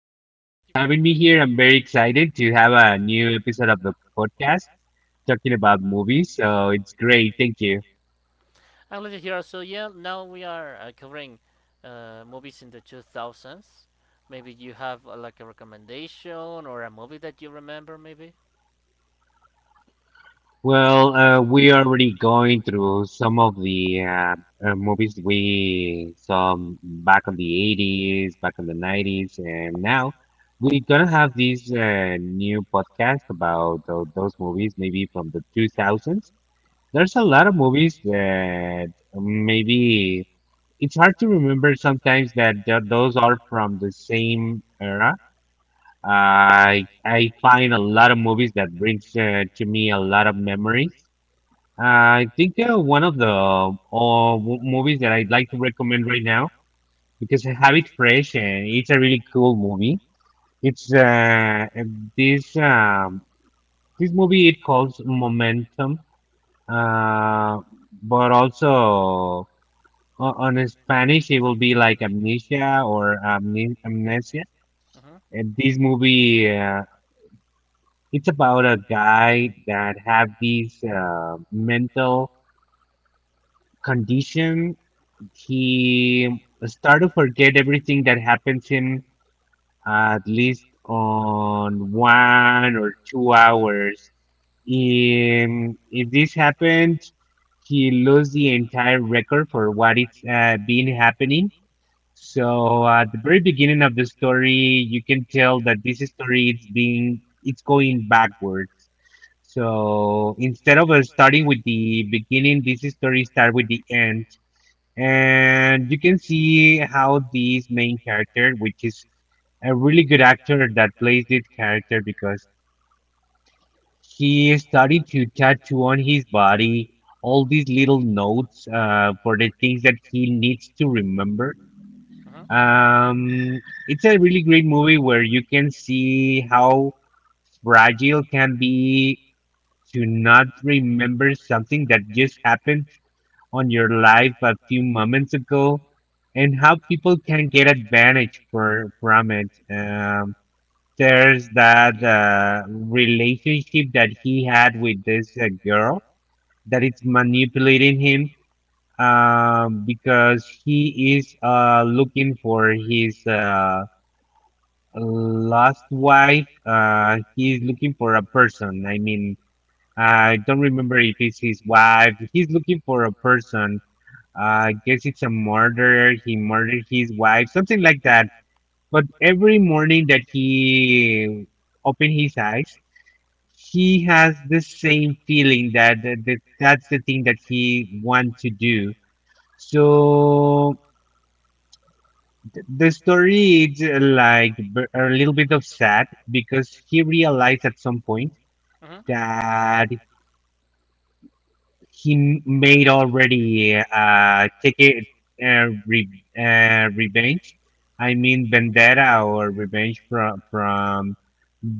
Hi, thank you for having me here. I'm very excited to have a new episode of the podcast talking about movies. So it's great. Thank you. I'm Lydia here. So yeah, now we are covering movies in the 2000s. Maybe you have like a recommendation or a movie that you remember, maybe. Well, we are already going through some of the movies we saw back on the 80s, back on the 90s, and now we're gonna have this new podcast about those movies, maybe from the 2000s. There's a lot of movies that maybe it's hard to remember sometimes that those are from the same era. I find a lot of movies that brings to me a lot of memories. I think one of the movies that I'd like to recommend right now because I have it fresh and it's a really cool movie. It's this This movie it calls Momentum, uh, but also On in Spanish, it will be like Amnesia or Amnesia. Mhm. And this movie, it's about a guy that have this mental condition. He start to forget everything that happens him at least on 1 or 2 hours. In, if this happened, he lose the entire record for what it's been happening. So at the very beginning of the story, you can tell that this story is being it's going backwards. So instead of starting with the beginning, this story start with the end, and you can see how this main character, which is a really good actor that plays this character, because he started to tattoo on his body all these little notes for the things that he needs to remember. Mhm. Um, it's a really great movie where you can see how fragile can be to not remember something that just happened on your life a few moments ago, and how people can get advantage for from it. There's that relationship that he had with this girl that it's manipulating him because he is looking for his. Last wife, he's looking for a person. I mean, I don't remember if it's his wife. He's looking for a person. I guess it's a murder. He murdered his wife, something like that. But every morning that he open his eyes, he has the same feeling that that's the thing that he want to do. So the story is a little bit of sad because he realized at some point Mhm. that he made already take it uh, re, revenge, I mean vendetta or revenge from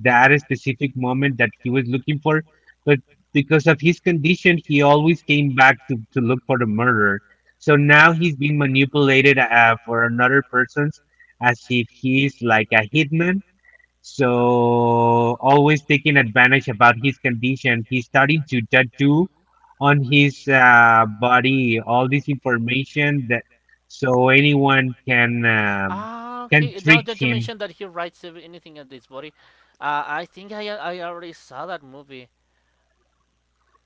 that specific moment that he was looking for, but because of his condition he always came back to look for the murderer, so now he's been manipulated for another person's, as if he's like a hitman. So always taking advantage about his condition, he started to tattoo on his body all this information that so anyone Ah, can okay. Now trick that you him. mentioned that he writes anything at this body, I think I already saw that movie.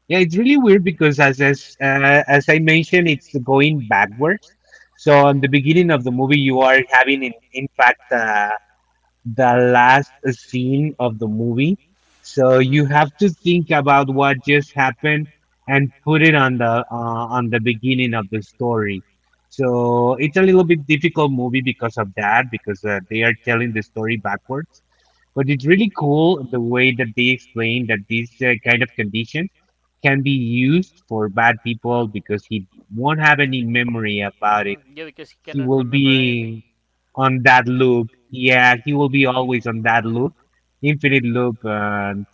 Yeah, it's really weird because as I mentioned, it's going backwards. So on the beginning of the movie, you are having in fact, the last scene of the movie. So Mhm. you have to think about what just happened and put it on the beginning of the story. So it's a little bit difficult movie because of that because they are telling the story backwards. But it's really cool the way that they explain that this kind of condition can be used for bad people because he won't have any memory about it. Mhm. Yeah, because he He cannot will remember anything. be on that loop. Yeah, he will be always on that loop, infinite loop. And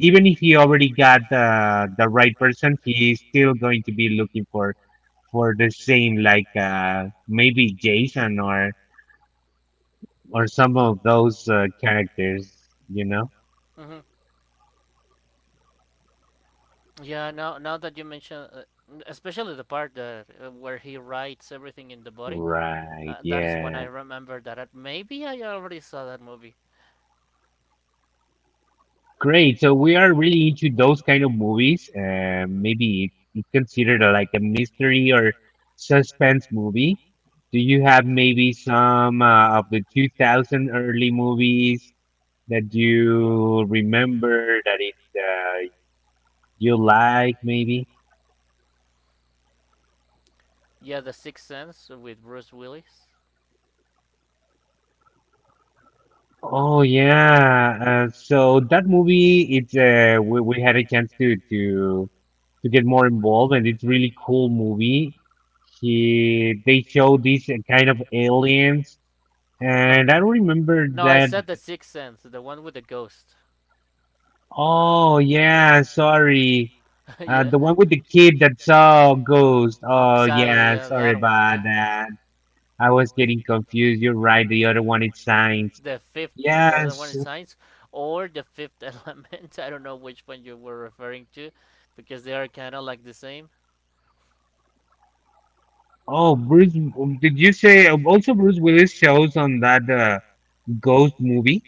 even if he already got the right person, he is still going to be looking for the same, like maybe Jason or some of those characters. You know? Mhm. Yeah, now that you mention, especially the part that where he writes everything in the body, Right. That is when I Yeah. remember that I, maybe I already saw that movie. Great. So we are really into those kind of movies. Maybe it's considered a, like a mystery or suspense movie. Do you have maybe some of the 2000 early movies that you remember that it you like maybe? Yeah, The Sixth Sense with Bruce Willis. Oh yeah. So that movie, it's we had a chance to get more involved, and it's really cool movie. He they show these kind of aliens No, and I no, don't remember no. I that. said The Sixth Sense, the one with the ghost. Oh yeah, sorry. Yeah, The one with the kid that saw ghost. Oh exactly. yeah, Yeah, sorry that one. about Yeah, that. I was getting confused, you're right, the other one is science. the fifth, the other one Yes. in science, or the fifth element. I don't know which one you were referring to, because they are kind of like the same. Oh, Bruce, did you say also Bruce Willis shows on that ghost movie?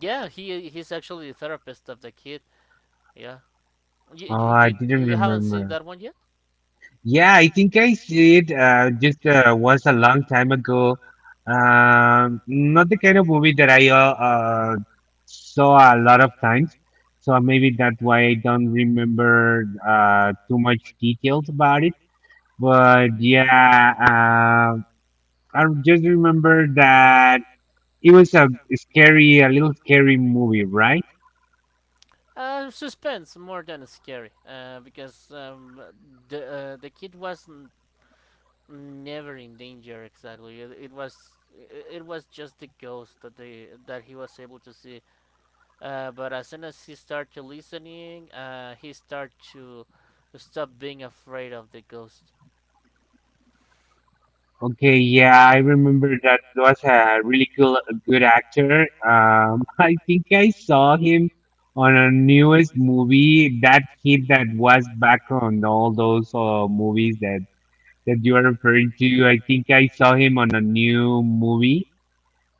Yeah, he's actually the therapist of the kid. Yeah. You Oh, you, I you, didn't you haven't remember. seen that one yet? Yeah, I think I see it. Just Was a long time ago. Not the kind of movie that I saw a lot of times. So maybe that's why I don't remember too much details about it. But yeah, I just remember that it was a scary, a little scary movie, right? Suspense more than scary. Because the kid wasn't never in danger exactly. It was it was just the ghost that they that he was able to see. But as soon as he started listening, he started to stop being afraid of the ghost. Okay, yeah, I remember that was a really cool, good actor. I think I saw him on a newest movie, that kid that was back on all those movies that that you are referring to. I think I saw him on a new movie.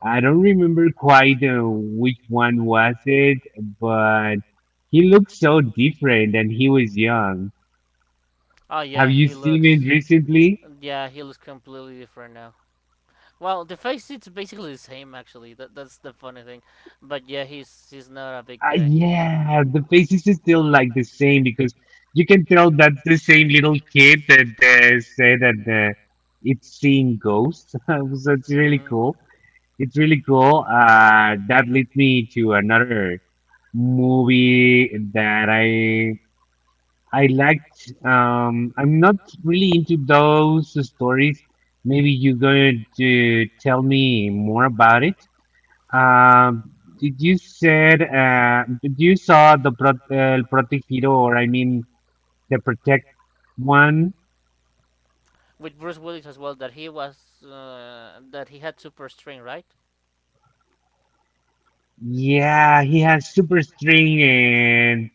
I don't remember quite which one was it, but he looked so different and he was young. Oh Have yeah, you he seen looks. it recently? Yeah, he looks completely different now. Well, the face it's basically the same actually. That that's the funny thing. But yeah, he's not a big guy. Yeah, the faces is still like the same because you can tell that's the same little kid that said that uh, it's seeing ghosts. So it's really cool. Hmm. It's really cool. That leads me to another movie that I liked. I'm not really into those stories. Maybe you're going to tell me more about it. Um, did you said did you saw the El Protegido, or I mean the Protect one? With Bruce Willis as well, that he was that he had super strength, right? Yeah, he has super string and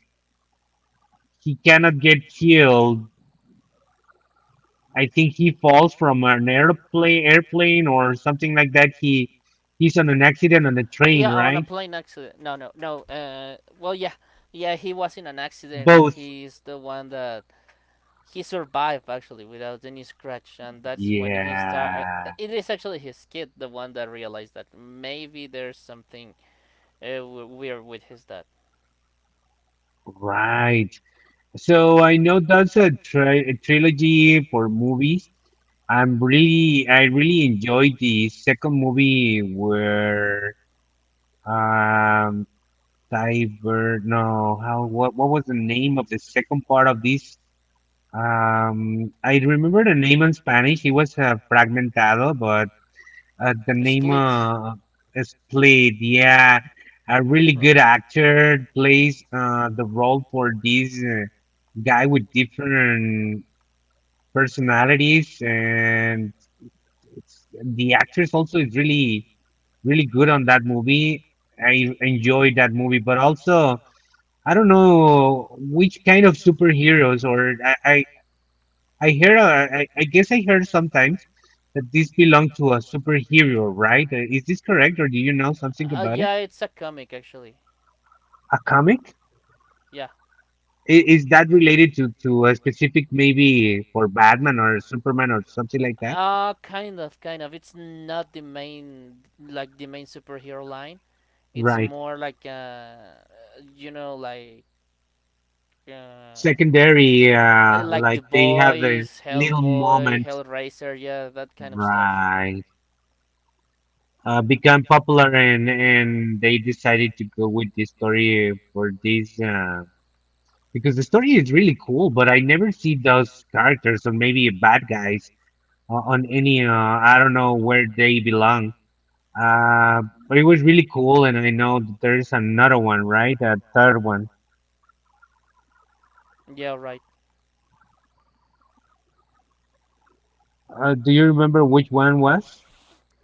he cannot get killed. I think he falls from an airplane or something like that. He he's on an accident on a Yeah, train, on a right? plane accident. No, no, no. Well, yeah, yeah, he was in an accident, and Both. he's the one that he survived actually without any scratch, and that's when he start. Yeah, Uh, it is actually his kid, the one that realized that maybe there's something weird with his dad. right. So I know that's a trilogy for movies. I'm really, I really enjoyed the second movie where um Cyber, no, how what was the name of the second part of this? I remember the name in Spanish. It was Fragmentado, but the name Split. Is played. Yeah, a really You, good did actor plays the role for this guy with different personalities, and it's the actress also is really really good on that movie. I enjoyed that movie, but also I don't know which kind of superheroes or I hear I guess I heard sometimes that this belong to a superhero, right? Is this correct, or do you know something about it? yeah, it's a comic actually. A comic? Yeah. I- Is that related to a specific maybe for Batman or Superman or something like that? Uh, kind of, kind of. It's not the main, like the main superhero line. It's Right. more like, you know, like, uh, Secondary, like like they have a boys, little Hellboy, moment. Hellraiser, yeah, that kind of stuff. Right. Become popular and they decided to go with this story for this because the story is really cool, but I never see those characters or maybe bad guys on any I don't know where they belong. Uh, but it was really cool, and I know that there's another one, right? A third one. Yeah, right. Do you remember which one was?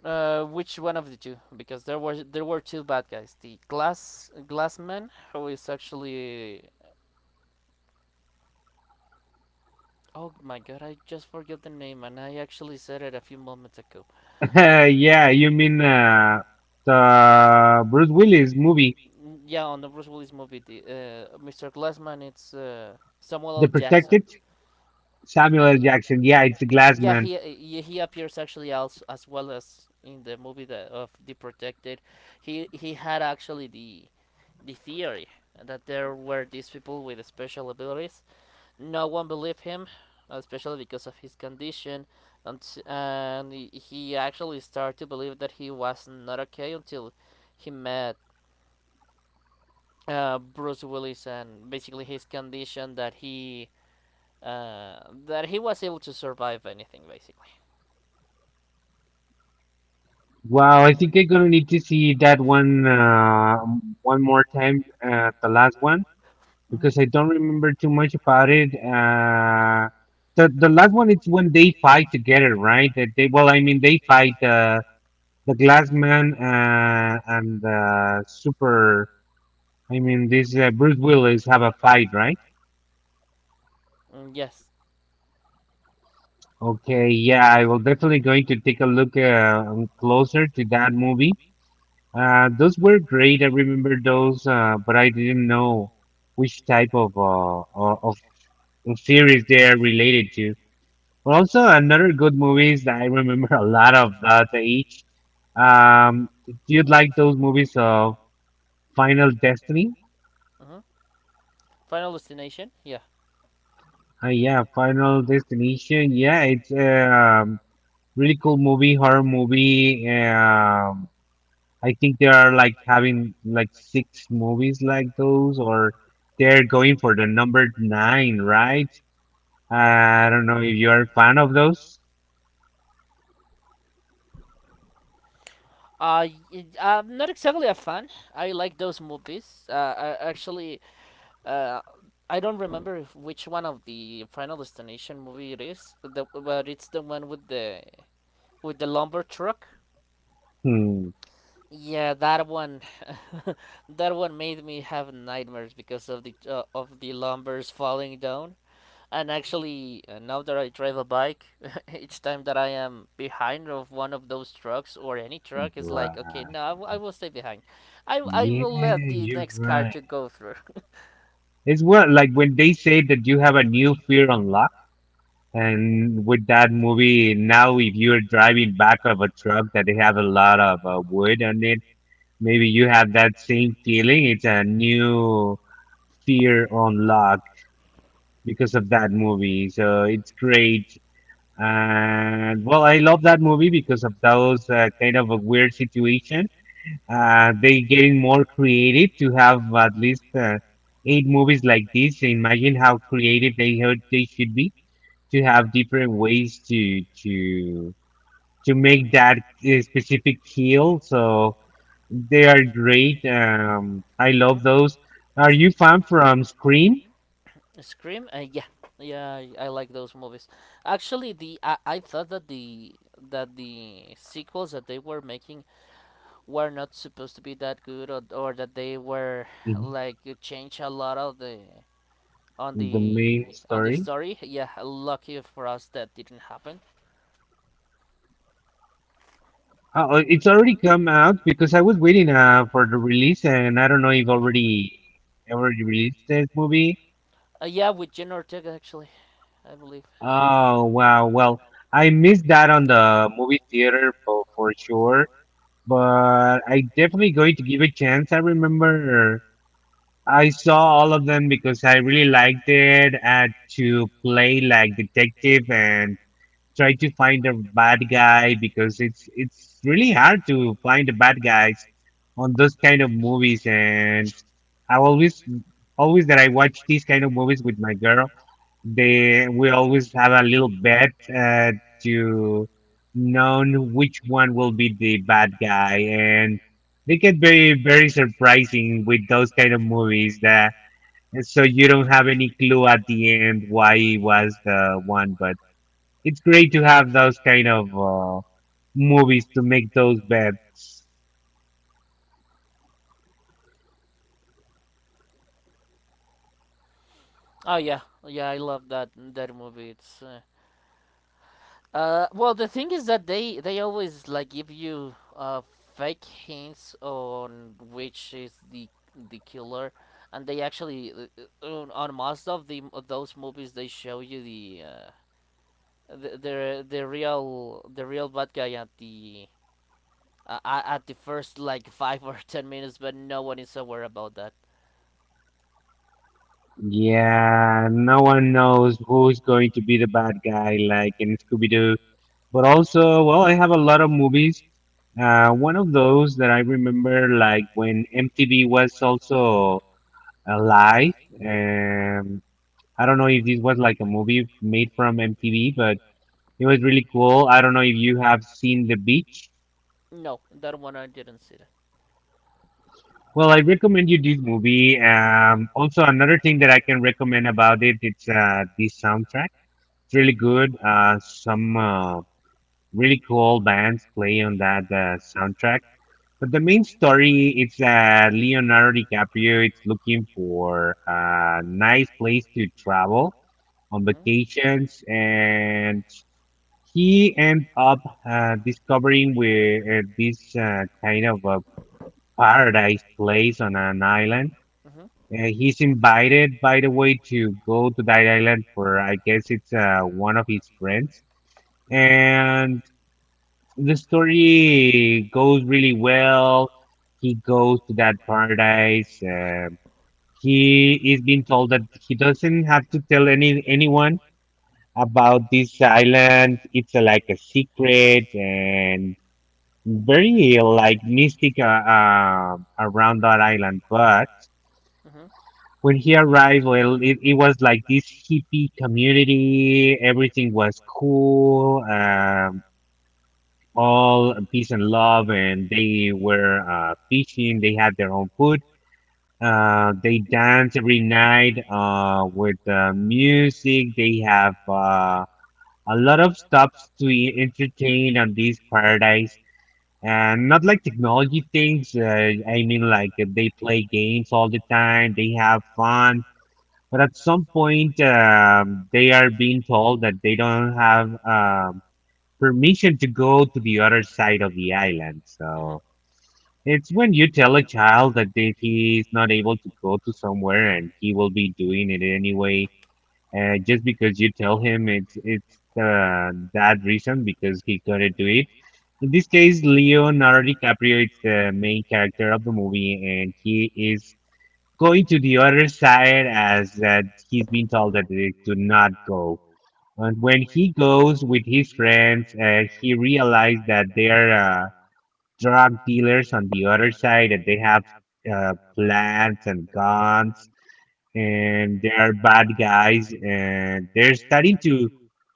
Which one of the two? Because there were two bad guys. The glass Glassman, who is actually oh my god, I just forget the name, and I actually said it a few moments ago. Yeah, you mean the Bruce Willis movie, Mm, yeah, on the Bruce Willis movie, the Mr. Glassman, it's Samuel L. The Jackson. Protected? Uh, Samuel L. Jackson. Yeah, it's the Glass Yeah, Man. he appears actually also as well as in the movie that, of The Protected. He had actually the theory that there were these people with special abilities. No one believed him, especially because of his condition, and he actually started to believe that he was not okay until he met Bruce Willis and basically his condition uh, that he was able to survive anything basically. Wow, I think I'm gonna need to see that one one more time, the last one, because I Mm-hmm. don't remember too much about it. The last one it's when they fight together, right? That they, well, I mean they fight the Glass Man and Super. I mean this Bruce Willis have a fight, right? Mm, yes. Okay, yeah, I will definitely going to take a look closer to that movie. Those were great. I remember those, but I didn't know which type of of series they are related to. But also another good movies that I remember a lot of that age. Do you like those movies of Final Destiny? Hmm. Final Destination. Yeah. Yeah, Final Destination. Yeah, it's a really cool movie, horror movie. I think they are like having like 6 movies like those, or they're going for the number 9, right? I don't know if you're a fan of those. I'm not exactly a fan. I like those movies. Uh, I don't remember if, which one of the Final Destination movie it is, the, but it's the one with the lumber truck. Hmm. Yeah, that one, that one made me have nightmares because of the lumbers falling down. And actually, now that I drive a bike, each time that I am behind of one of those trucks or any truck, it's like, okay, Right. no, I will stay behind. I will Yeah, let the you're next car right. to go through. It's, well, like when they say that you have a new fear unlocked, and with that movie, now if you're driving back of a truck that they have a lot of wood on it, maybe you have that same feeling. It's a new fear unlocked because of that movie. So it's great. And well, I love that movie because of those kind of a weird situation. They getting more creative to have at least eight movies like this. So, imagine how creative they heard they should be to have different ways to make that specific kill. So they are great. I Uh huh. love those. Are you fan from Scream? Scream, yeah, yeah, I like those movies. Actually, I thought that the sequels that they were making were not supposed to be that good, or that they were Mhm. like change a lot of the on The main the story. story. Yeah, lucky for us that didn't happen. It's already come out because I was waiting for the release, and I don't know if already released this movie. Yeah, with Jen Ortega actually, I believe. Oh, wow! Well, I missed that on the movie theater for sure, but I definitely going to give a chance. I remember I saw all of them because I really liked it. I had to play like detective and try to find a bad guy because it's really hard to find the bad guys on those kind of movies, and I always always that I watch these kind of movies with my girl, they we always have a little bet to know which one will be the bad guy, and they get very very surprising with those kind of movies that, so you don't have any clue at the end why he was the one, but it's great to have those kind of movies to make those bets. Oh yeah, yeah, I love that that movie. It's uh, well, the thing is that they always like give you fake hints on which is the killer, and they actually on most of the of those movies they show you the real the real bad guy at the first like five or 10 minutes, but no one is aware about that. Yeah, no one knows who's going to be the bad guy, like in Scooby Doo. But also, well, I have a lot of movies. One of those that I remember, like when MTV was also alive. Um, I don't know if this was like a movie made from MTV, but it was really cool. I don't know if you have seen The Beach. No, that one I didn't see that. Well, I recommend you this movie. Uh huh. Also, another thing that I can recommend about it, it's the soundtrack. It's really good. Some really cool bands play on that soundtrack. But the main story, it's Leonardo DiCaprio. It's looking for a nice place to travel on Uh-huh. vacations, and he end up discovering where this kind of a paradise place on an island. Uh-huh. He's invited, by the way, to go to that island for, I guess it's one of his friends. And the story goes really well. He goes to that paradise. He is being told that he doesn't have to tell anyone about this island. It's like a secret and very like mystic around that island. But Uh-huh. when he arrived, well, it was like this hippie community. Everything was cool, all peace and love, and they were fishing. They had their own food. They dance every night with music. They have a lot of stops to entertain on this paradise. And not like technology things. I mean, like they play games all the time. They have fun, but at some point, they are being told that they don't have permission to go to the other side of the island. Mhm. So it's when you tell a child that he's not able to go to somewhere and he will be doing it anyway, just because you tell him it's that reason because he couldn't do it. In this case, Leonardo DiCaprio is the main character of the movie, and he is going to the other side as that he's been told that they to not go. And when he goes with his friends, he realized that they are drug dealers on the other side, that they have plans and guns, and they are bad guys, and they're starting to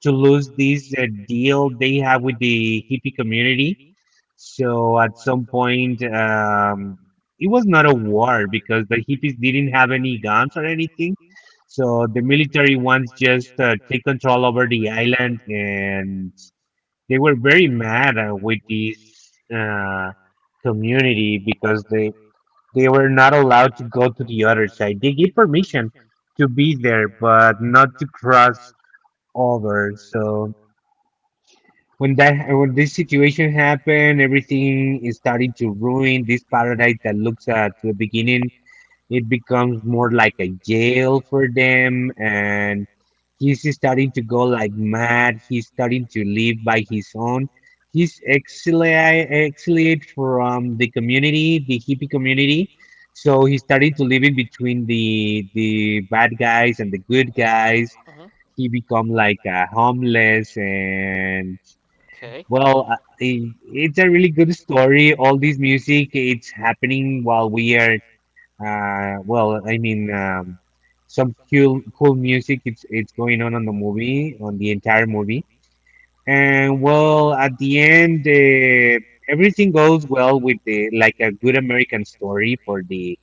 lose this deal they have with the hippie community, so at some point, it was not a war because the hippies didn't have any guns or anything. So the military ones just take control over the island, and they were very mad with this uh, community because they were not allowed to go to the other side. They gave permission to be there, but not to cross over. So when this situation happened, everything is starting to ruin this paradise that looks at the beginning. It becomes more like a jail for them, and he's starting to go like mad. He's starting to live by his own. He's exiled from the community, the hippie community. So he started to live in between the bad guys and the good guys. Uh-huh. He become like a homeless, and Okay. well, it's a really good story. All this music, it's happening while we are, well, some cool, cool music. It's going on the movie, on the entire movie. And well, at the end, everything goes well with the like a good American story for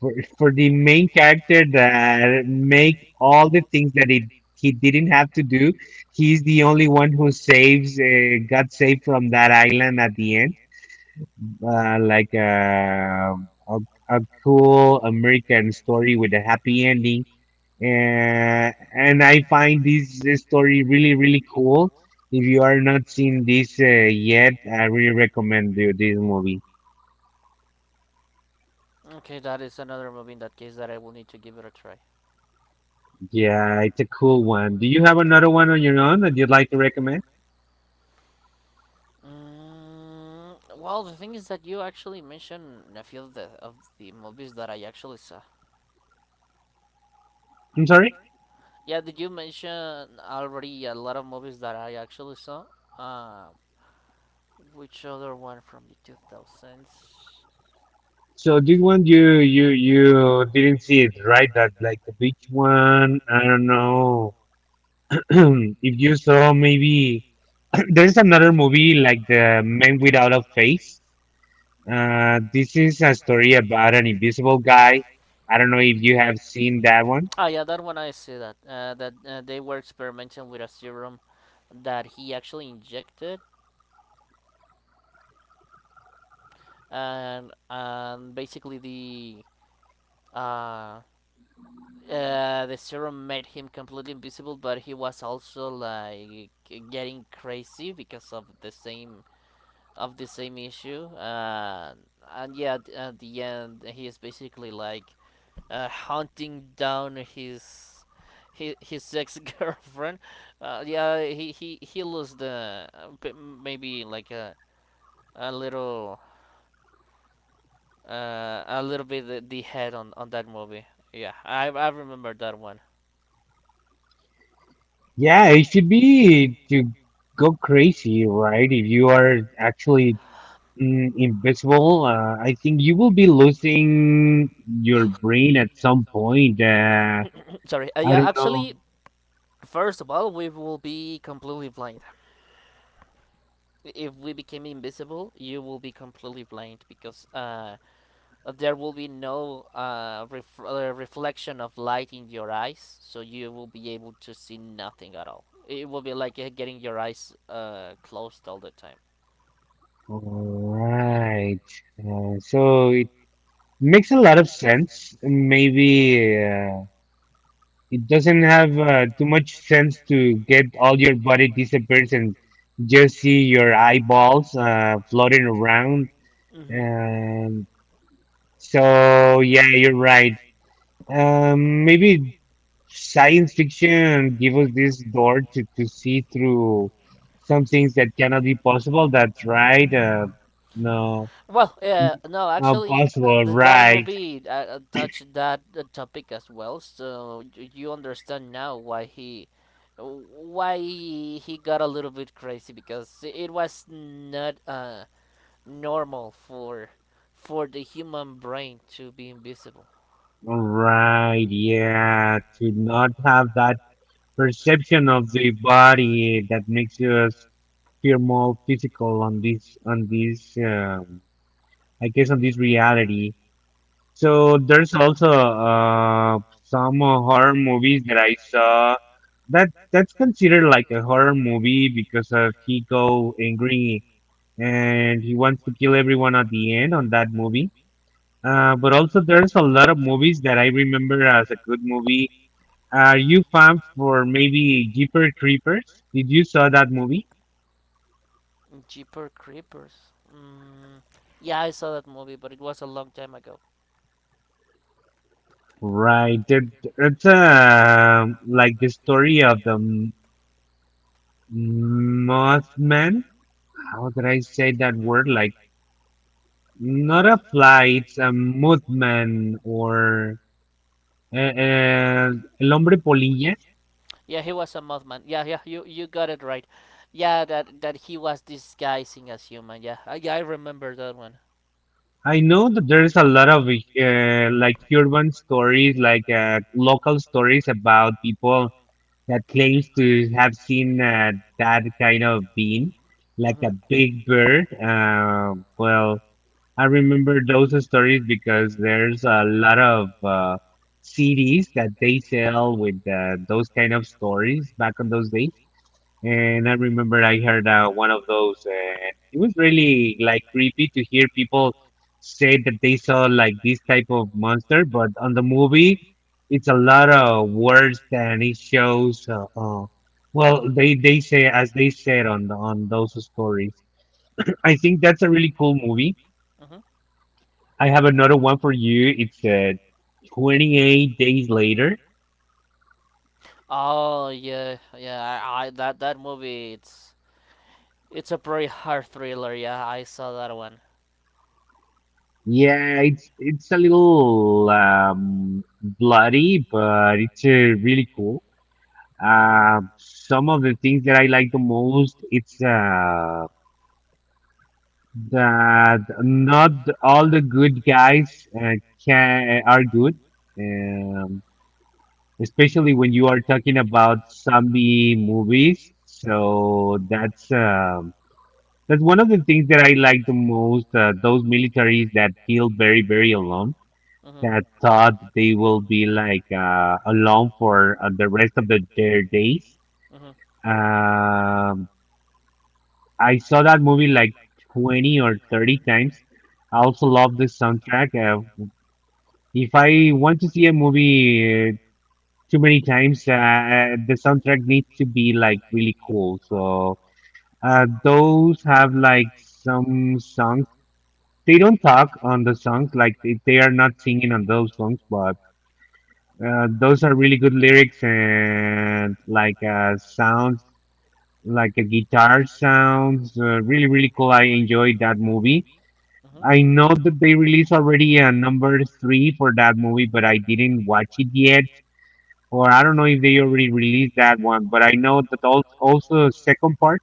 for, for the main character that make all the things that he didn't have to do. He's the only one who saves got saved from that island at the end, like a cool American story with a happy ending. Uh, and I find this story really really cool. If you are not seeing this yet, I really recommend you this movie. Okay, that is another movie in that case that I will need to give it a try. Yeah, it's a cool one. Do you have another one on your own that you'd like to recommend? Mm, well, the thing is that you actually mentioned a few of the movies that I actually saw. I'm sorry. Yeah, did you mention already a lot of movies that I actually saw? Uh, which other one from the 2000s? So this one you didn't see it, right? That, like, the beach one. I don't know if you saw maybe there's another movie like The Man Without a Face. This is a story about an invisible guy. I don't know if you have seen that one. Ah, yeah, that one I see that. That they were experimenting with a serum that he actually injected, and basically uh, the serum made him completely invisible, but he was also like getting crazy because of the same issue. And yeah, at the end, he is basically like hunting down his ex girlfriend. Yeah, he lost the maybe like a little a little bit the head on that movie. Yeah, I remember that one. Yeah, it should be to go crazy, right? If you are actually, mm, invisible. I think you will be losing your brain at some point. Sorry. I Yeah, don't actually, know. first of all, we will be completely blind. If we became invisible, you will be completely blind because there will be no reflection of light in your eyes, so you will be able to see nothing at all. It will be like getting your eyes closed all the time. All right. So it makes a lot of sense. Maybe it doesn't have too much sense to get all your body disappears and just see your eyeballs floating around. Mm-hmm. Um, so yeah, you're right. Maybe science fiction give us this door to see through some things that cannot be possible. That's right. No, Well, n- no, not actually, possible. That Right, movie touched that topic as well, so you understand now why he got a little bit crazy because it was not normal for the human brain to be invisible. right. Yeah, to not have that perception of the body that makes us feel more physical on this. I guess on this reality. So there's also some horror movies that I saw that's considered like a horror movie because of he go angry and he wants to kill everyone at the end on that movie. But also there's a lot of movies that I remember as a good movie. Are you fan for maybe Jeepers Creepers? Did you saw that movie? Jeepers Creepers. Mm, yeah, I saw that movie, but it was a long time ago. Right. It's like the story of the Mothman. How How did I did I say say that that word? word? Like, Like, not a fly, it's a movement or uh, uh, el hombre polilla. yeah, he was a mothman. Yeah, yeah, you got it right. Yeah, that that he was disguising as human. Yeah, I remember that one. I know that there's a lot of like urban stories, like local stories about people that claims to have seen that kind of being, like Hmm. a big bird. Well, I remember those stories because there's a lot of CDs that they sell with those kind of stories back on those days. And I remember I heard one of those, and it was really like creepy to hear people say that they saw like this type of monster. But on the movie, it's a lot of words than it shows. Well, they say as they said on on those stories. I think that's a really cool movie. Hmm. I have another one for you. It's 28 days later. Oh yeah, yeah. I that that movie. It's a pretty hard thriller. Yeah, I saw that one. Yeah, it's a little bloody, but it's really cool. Hmm. Some of the things that I like the most, it's that not all the good guys uh, can are good. Um, especially when you are talking about zombie movies. So that's that's one of the things that I like the most. Those militaries that feel very, very alone, Hmm. that thought they will be like alone for the rest of their days. Hmm. Um, I saw that movie like 20 or 30 times. I also love the soundtrack. If I want to see a movie too many times, the soundtrack needs to be like really cool. So those have like some songs. They don't talk on the songs, like they are not singing on those songs, but those are really good lyrics and like sounds, like a guitar sounds really really cool. I enjoyed that movie. I Hmm. know that they released already a number three for that movie, but I didn't watch it yet. Or I don't know if they already released that one, but I know that also second part.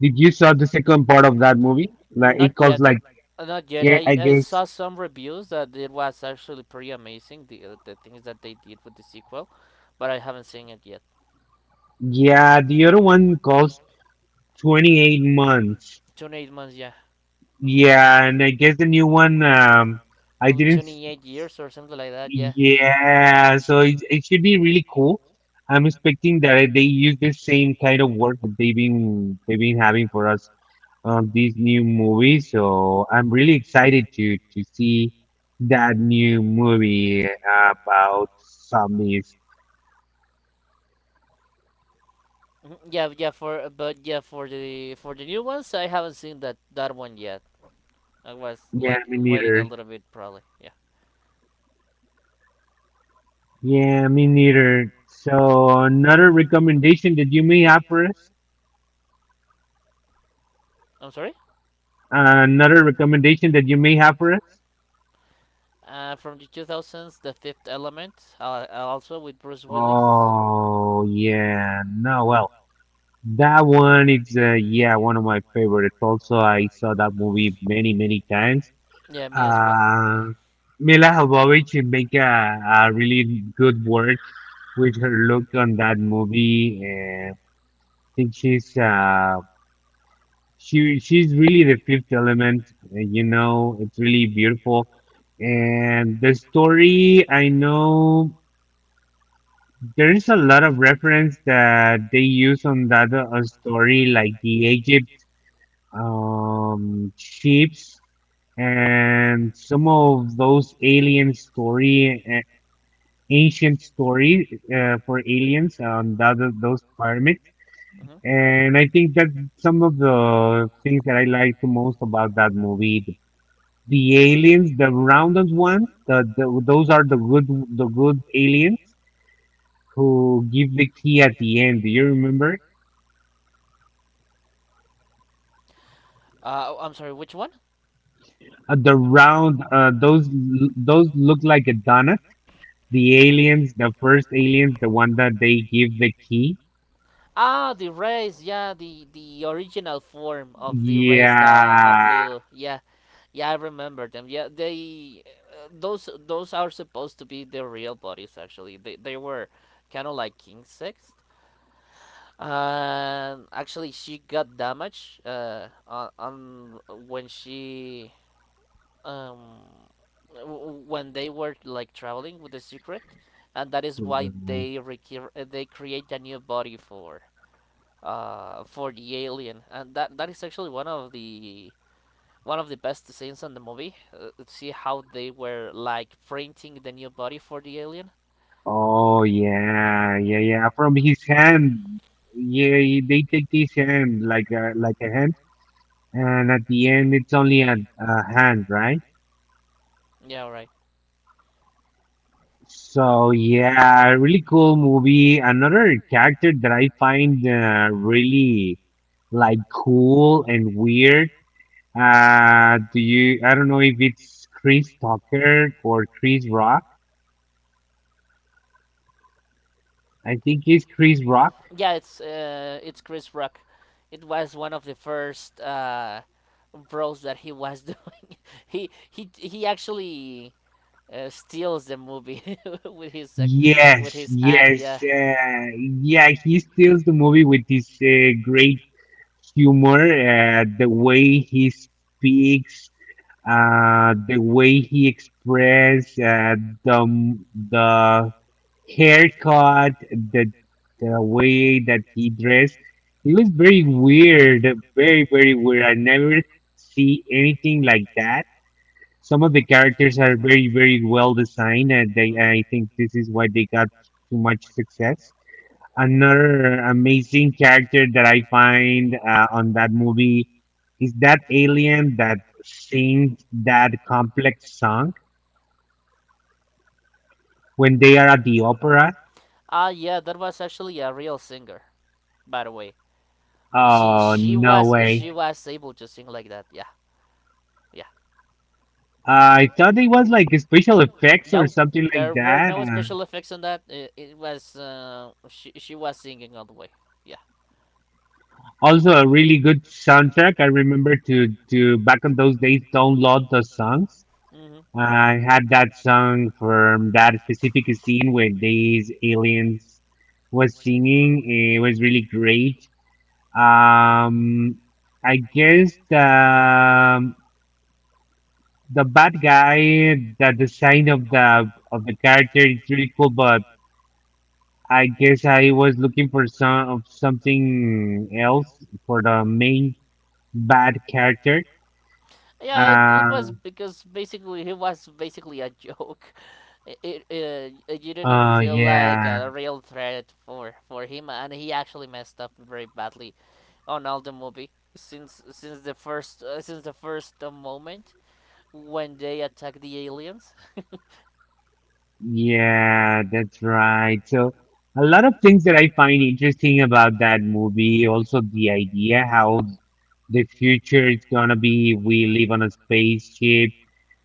Did you saw the second part of that movie? Like Not it like, calls yet. like, Not yet. I, I I guess saw some reviews that it was actually pretty amazing. The things that they did with the sequel, but I haven't seen it yet. yeah, the other one calls 28 months. 28 months, yeah. Hmm. Yeah, and I guess the new one, I Will be didn't. 28 years or something like that. Yeah. Yeah, so it should be really cool. I'm expecting that they use the same kind of work that they've been having for us on these new movies. So I'm really excited to see that new movie about zombies. Mhm. Yeah, yeah. For but yeah, for the new ones, I haven't seen that that one yet. I was Yeah, like me waiting a neither. little bit, probably. Yeah. Yeah, me neither. So another recommendation that you may have for us? I'm sorry. Another recommendation that you may have for us? From the two thousands, The Fifth Element, also with Bruce Willis. Oh yeah, no, well, that one it's yeah one of my favorites. Also, I saw that movie many times. Yeah, me as well. Uh, Mila Jovovich make a really good work with her look on that movie. And I think she's really the fifth element. You know, it's really beautiful. And the story, I know. There is a lot of reference that they use on that story, like the Egypt ships and some of those alien story, ancient story for aliens on that those pyramids. Hmm. And I think that some of the things that I like the most about that movie, the aliens, the rounded ones, the those are the good aliens who give the key at the end. Do you remember? I'm sorry. Which one? The round, those those look like a donut. The aliens, the first aliens, the one that they give the key. Ah, the race, yeah, the original form of the race, the of Yeah. little, yeah, yeah, I remember them. Yeah, they those are supposed to be the real bodies. Actually, they were kind of like insects. Actually, she got damaged. On when she um when they were like traveling with the secret, and that is why Mm. they they create a new body for the alien, and that that is actually one of the best scenes in the movie. See how they were like printing the new body for the alien. Oh yeah, yeah, yeah. From his hand. Yeah, they take his hand like a hand, and at the end it's only a hand, right? Yeah, right. So yeah, really cool movie. Another character that I find really like cool and weird. Do you? I don't know if it's Chris Tucker or Chris Rock. I think it's Chris Rock. Yeah, it's Chris Rock. It was one of the first roles that he was doing. He actually steals the movie with his with Yes, his act. yes, Yeah. Yeah. He steals the movie with his great humor, the way he speaks, the way he expresses the haircut, the the way that he dressed, it was very weird, very weird. I never see anything like that. Some of the characters are very well designed, and they, I think Mhm. this is why they got too much success. Another amazing character that I find on that movie is that alien that sings that complex song when they are at the opera. Ah, yeah, that was actually a real singer, by the way. Oh no way! She was able to sing like that. Yeah, yeah. I thought it was like special effects or No, something like there were that. no And special effects on that. It was she was singing all the way. Yeah. also, a really good soundtrack. I remember to back on those days download the songs. Hmm. I had that song from that specific scene where these aliens was singing. It was really great. Um, I guess the bad guy, the design of the character is really cool, but I guess I was looking for something else for the main bad character. Yeah, it was Uh, because basically it was basically a joke. It you didn't oh feel like yeah, a real threat for him, and he actually messed up very badly. Ronaldo movie since the first since the first moment when they attack the aliens. yeah, that's right. So a lot of things that I find interesting about that movie, also the idea how the future is gonna be. We live on a spaceship.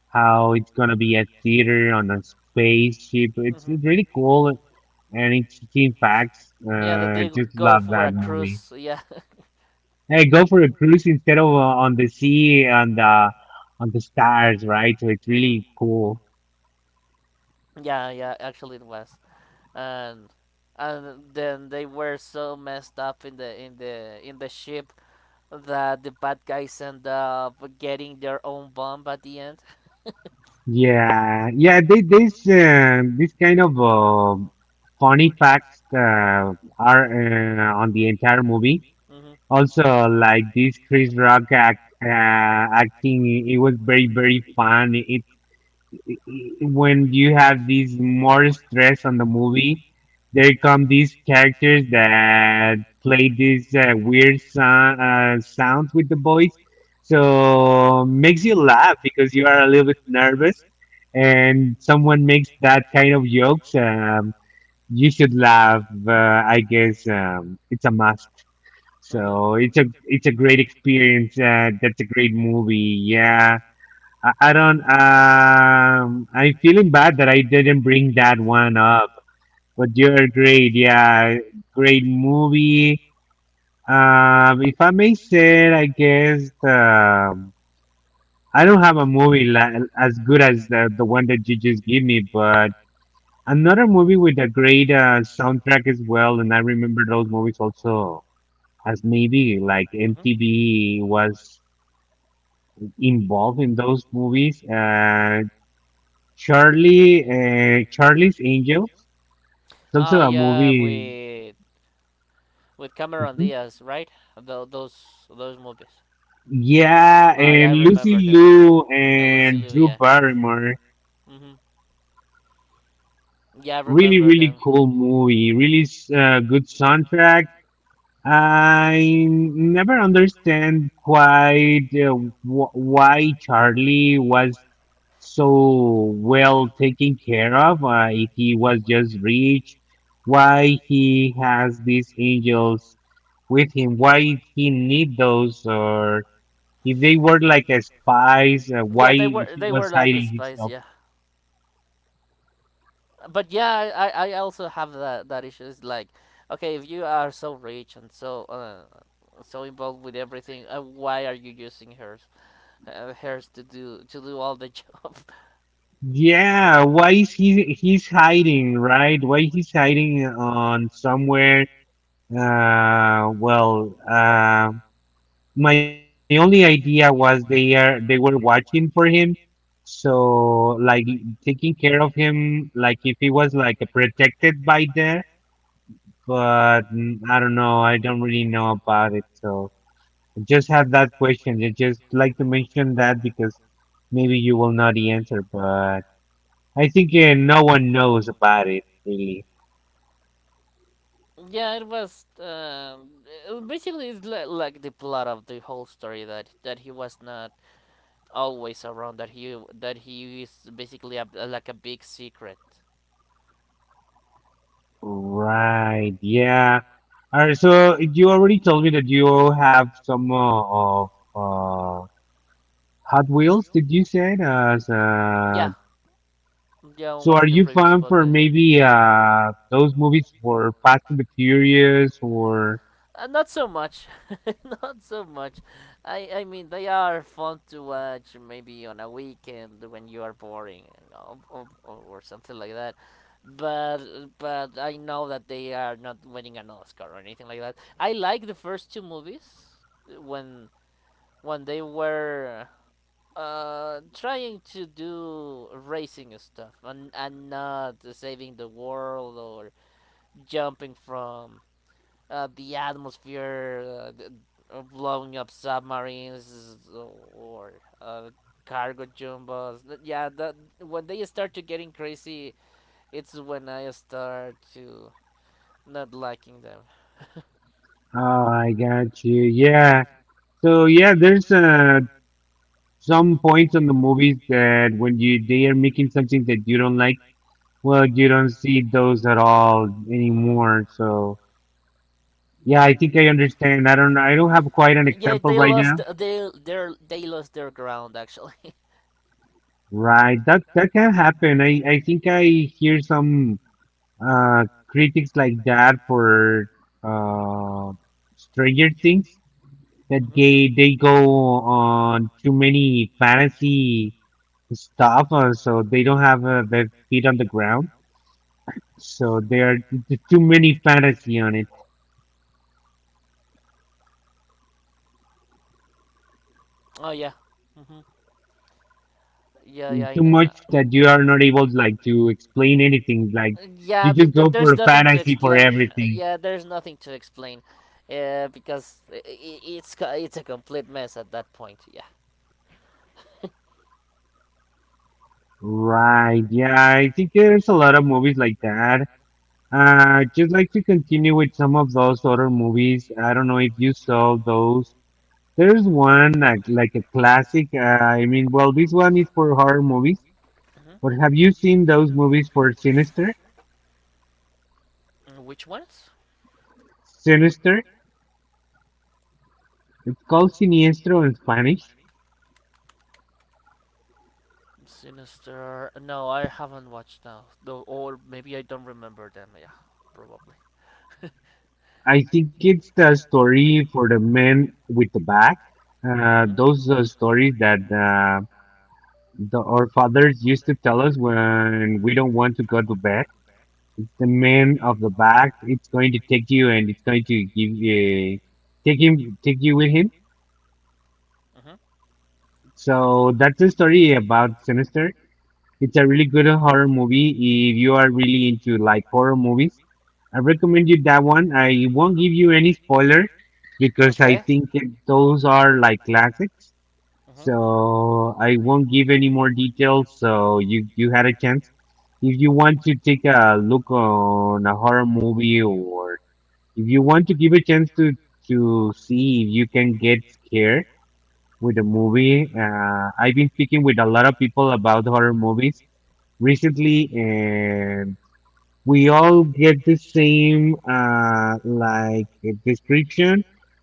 How it's gonna be a theater on a spaceship. Hmm. It's really cool and interesting facts. Yeah, that they Just go love for that a movie. cruise. Yeah. Hey, go for a cruise instead of on the sea and on the stars, right? So it's Mhm. really cool. Yeah, yeah. Actually, it was, and and then they were so messed up in the in the ship that the bad guys end up getting their own bomb at the end. Yeah, yeah. This this kind of funny facts are on the entire movie. Hmm. Also, like this Chris Rock acting, it was very fun. It when you have these more stress on the movie, there come these characters that play these weird sounds with the voice, so makes you laugh because you are a little bit nervous, and someone makes that kind of jokes. You should laugh. I guess it's a must. Hmm. So it's a great experience. That's a great movie. Yeah. I don't. I'm feeling bad that I didn't bring that one up. But you're great. Yeah, great movie. If I may say, I guess I don't have a movie as good as the one that you just gave me, but another movie with a great soundtrack as well. And I remember those movies also as maybe like Mhm. MTV was involved in those movies. Charlie's Angels. It's also Ah, a yeah, movie. with Cameron Mhm. Diaz, right? Those movies. Yeah, Ah, yeah, I and Lucy remember them. Liu And Lucy and Liu, Drew yeah. Barrymore. Mhm. Yeah, I they Really, remember really them. cool movie. Really good soundtrack. I never understand quite why Charlie was so well taken care of. If he was just rich, why he has these angels with him. Why he need those, or if they were like a spies, why Yeah, they were he they were was like hiding spies, himself? yeah. But yeah, I also have that issue. It's like, okay, if you are so rich and so involved with everything, why are you using hers to do all the job? Yeah, why is he's hiding, right? Why he's hiding on somewhere? Uh, well, uh, my only idea was they were watching for him, so like taking care of him, like if he was like protected by there. But I don't know. I don't really know about it, so. Just have that question. I just like to mention that because maybe you will know the answer, but I think no one knows about it really. Yeah, it was basically like the plot of the whole story that he was not always around. That he is basically like a big secret. Right. Yeah. All right. So you already told me that you have some of uh, Hot Wheels. Did you say as uh, Yeah, yeah, on so? one Are of the you previous fan for podcasts. Yeah. maybe those movies for Fast and the Furious or? Not so much, not so much. I mean they are fun to watch maybe on a weekend when you are boring or something like that. But I know that they are not winning an Oscar or anything like that. I like the first two movies when when they were trying to do racing stuff and not saving the world or jumping from the atmosphere, blowing up submarines or uh, cargo jumbos. Yeah, that when they start to getting crazy, it's when I start to not liking them. Oh, I got you. Yeah. So yeah, there's some points on the movies that when you they are making something that you don't like, well, you don't see those at all Mm. anymore. So yeah, I think I understand. I don't have quite an Yeah, example they right lost now. th- they their they lost their ground actually. Right, that that can happen. I think I hear some uh critics like that for uh Stranger Things that Hmm. They go on too many fantasy stuff, so they don't have their feet on the ground. So there are too many fantasy on it, Oh yeah. Hmm. Yeah, yeah, I too know. much that you are not able like to explain anything. Like Yeah, you just go for there's a nothing to fantasy for explain. everything. Yeah, there's nothing to explain, because it's a complete mess at that point. Yeah. Right? Yeah, I think there's a lot of movies like that. Just like to continue with some of those other movies. I don't know if you saw those. There's one like a classic. I mean, well, this one is for horror movies. But Hmm. have you seen those movies for Sinister? Which ones? Sinister. It's called Siniestro in Spanish. Sinister. No, I haven't watched now. Though, or maybe I don't remember them. Yeah, probably. I think it's the story for the men with the back. Hmm. Those are stories that our fathers used to tell us when we don't want to go to bed. It's the man of the back. It's going to take you and it's going to give you, take him, take you with him. Hmm. So that's a story about Sinister. It's a really good horror movie if you are really into like horror movies. I recommend you that one. I won't give you any spoiler because Okay. Those are like classics. Hmm. So I won't give any more details. So you had a chance. If you want to take a look on a horror movie, or if you want to give a chance to see if you can get scared with a movie, I've been speaking with a lot of people about horror movies recently, and we all get the same description.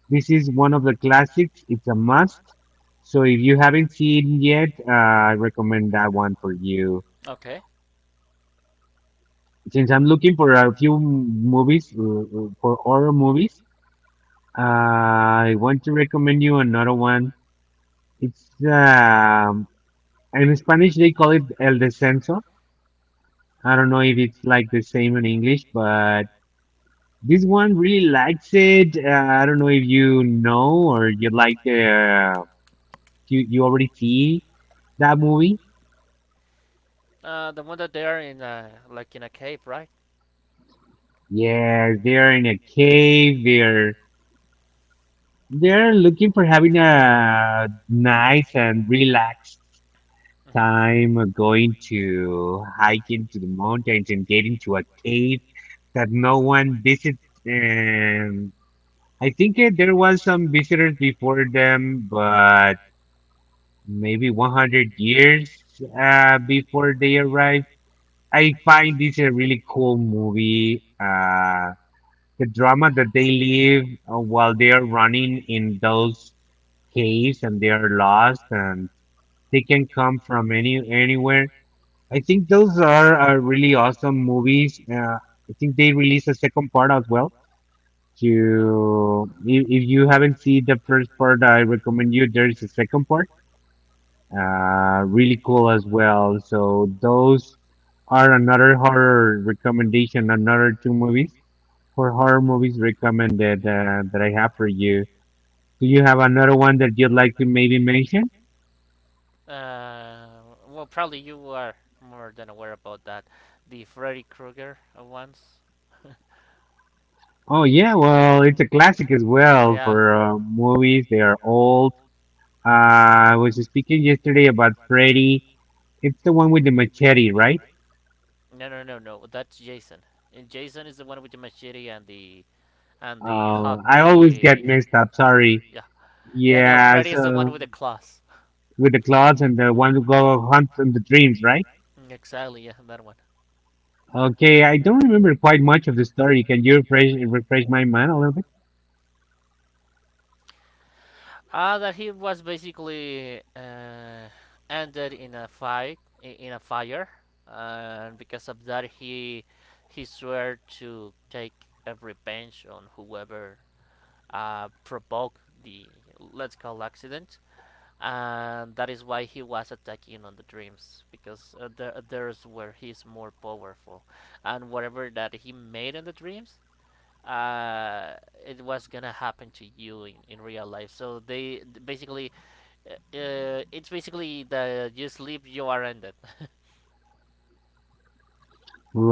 This is one of the classics. It's a must. So if you haven't seen yet, I recommend that one for you. Okay. Since I'm looking for a few movies for horror movies, I want to recommend you another one. It's in Spanish they call it El Descenso. I don't know if it's like the same in English, but this one really likes it. I don't know if you know or you like the uh, you you already see that movie. The one that they are in, like in a cave, right? Yes, they're in a cave. They're looking for Mhm. having a nice and relaxed Mhm. time going to hiking to the mountains and getting to a cave that no one visits. And I think there was some visitors before them, but maybe 100 years before they arrive. I find this a really cool movie. The drama that they live while they are running in those caves and they are lost and they can come from anywhere. I think those are really awesome movies. I think they released a second part as well. Mhm. To If you haven't seen the first part, I recommend you. There is a second part really cool as well. So those are another horror recommendation, another two movies for horror movies recommended that I have for you. Do you have another one that you'd like to maybe mention? Well, probably you are more than aware about that. The Freddy Krueger ones. Oh yeah, well, it's a classic as well Yeah. for movies. They are old. I was speaking yesterday about Freddy. It's the one with the machete, right? No, no, no, no. That's Jason. And Jason is the one with the machete and the Oh, I always get hockey. hockey. mixed up. Sorry. Yeah, yeah. No. Yeah, Yeah, Freddy is the one so with the claws. with the clouds and the one who Mhm. go hunt in the dreams, right? Right? Exactly, yeah, that one. Okay, I don't remember quite much of the story. Can you refresh my mind a little bit? Ah. That he was basically ended in a fight, in a fire, and because of that, he swore to take a revenge on whoever provoked the, let's call, accident, and that is why he was attacking on the dreams because there's where he's more powerful, and whatever that he made in the dreams, uh, it was gonna happen to you in real life. So they basically, it's basically the you sleep, you are ended.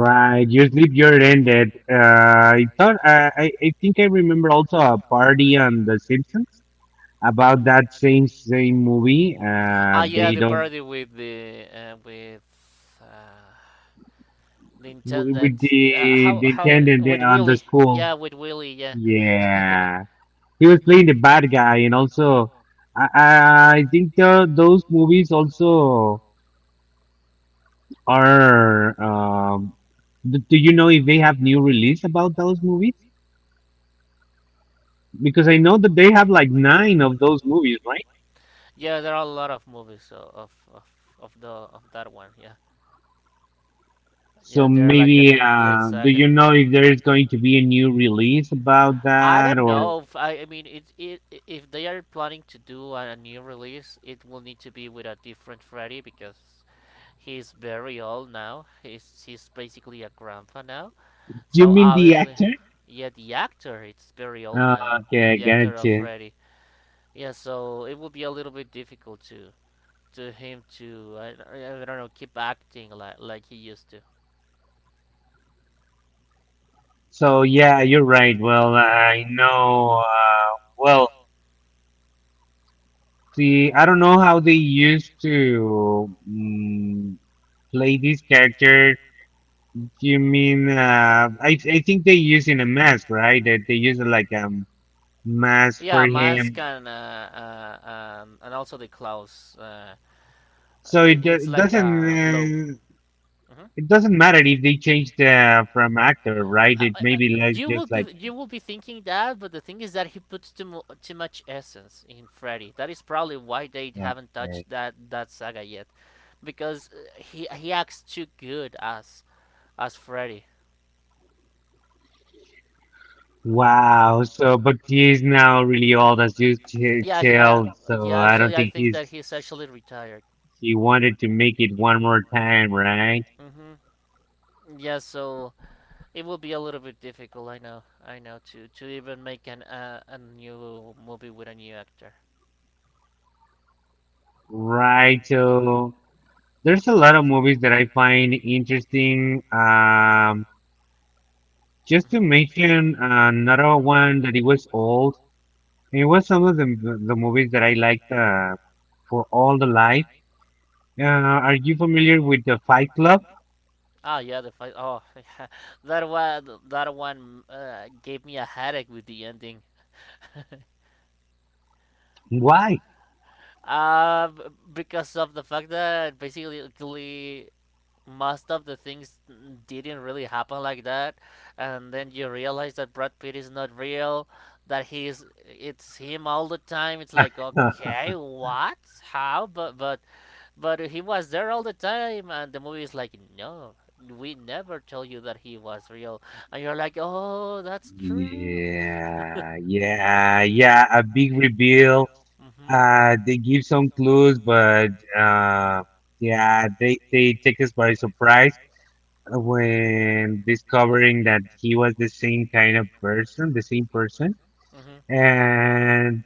Right, your sleep year ended. I thought I think I remember also a party on The Simpsons about that same movie. Ah, yeah, They the don't parody with uh, the wi- with intendant. the how the how attendant there with on the Willy? school. Yeah, with Willy. Yeah, Yeah, he was playing the bad guy, and also I think those movies also are. Do you know if they have new release about those movies? Because I know that they have like nine of those movies, right? yeah. There are a lot of movies of that one. Yeah, So yeah. They're like a maybe complete do saga. you know if there is going to be a new release about I that, don't or know. If, I mean, it, if they are planning to do a new release, it will need to be with a different Freddy because he's very old now. He's basically a grandpa now. do you So mean the obviously, actor? yeah, the actor it's very old now. Okay, I The actor got of you. Freddy. Yeah, so it will be a little bit difficult to him to, I don't know, keep acting like he used to. So yeah, you're right. Well, I know. Well, See, I Hmm. don't know how they used to play these characters. You mean, I think they using a mask, right? That they use like a mask for Yeah, mask him. Uh, and also the clothes. Uh, So it, it, do- it's like doesn't a globe. uh, Hmm. it doesn't matter if they change the from actor, right? Uh, It uh, uh, may be like you will just like be you will be thinking that, but the thing is that he puts too much essence in Freddy. That is probably why they haven't okay, touched that saga yet, because he acts too good as Freddy. wow. So, but he is now really old, as you Yeah, tell. So yeah. I don't Actually, I think think he's, that he's actually retired. he wanted to make it one more time, right? Mm-hmm. Yeah. So it will be a little bit difficult, I know, to even make an a new movie with a new actor. Right. So there's a lot of movies that I find interesting. Just to Hmm. mention another one that it was old, it was some of the movies that I liked for all the life. Uh, are you familiar with the Fight Club? Ah, yeah, the fight. Oh, yeah, that one, gave me a headache with the ending. Why? Uh, b- because of the fact that basically most of the things didn't really happen like that, and then you realize that Brad Pitt is not real, that he's it's him all the time. It's like, okay, what, how. But he was there all the time, and the movie is like, no, we never told you that he was real, and you're like, oh, that's true. Yeah, yeah, yeah. A big reveal. Mhm. They give some clues, but uh, yeah, they take us by surprise when discovering that he was the same kind of person, the same person, Mhm. and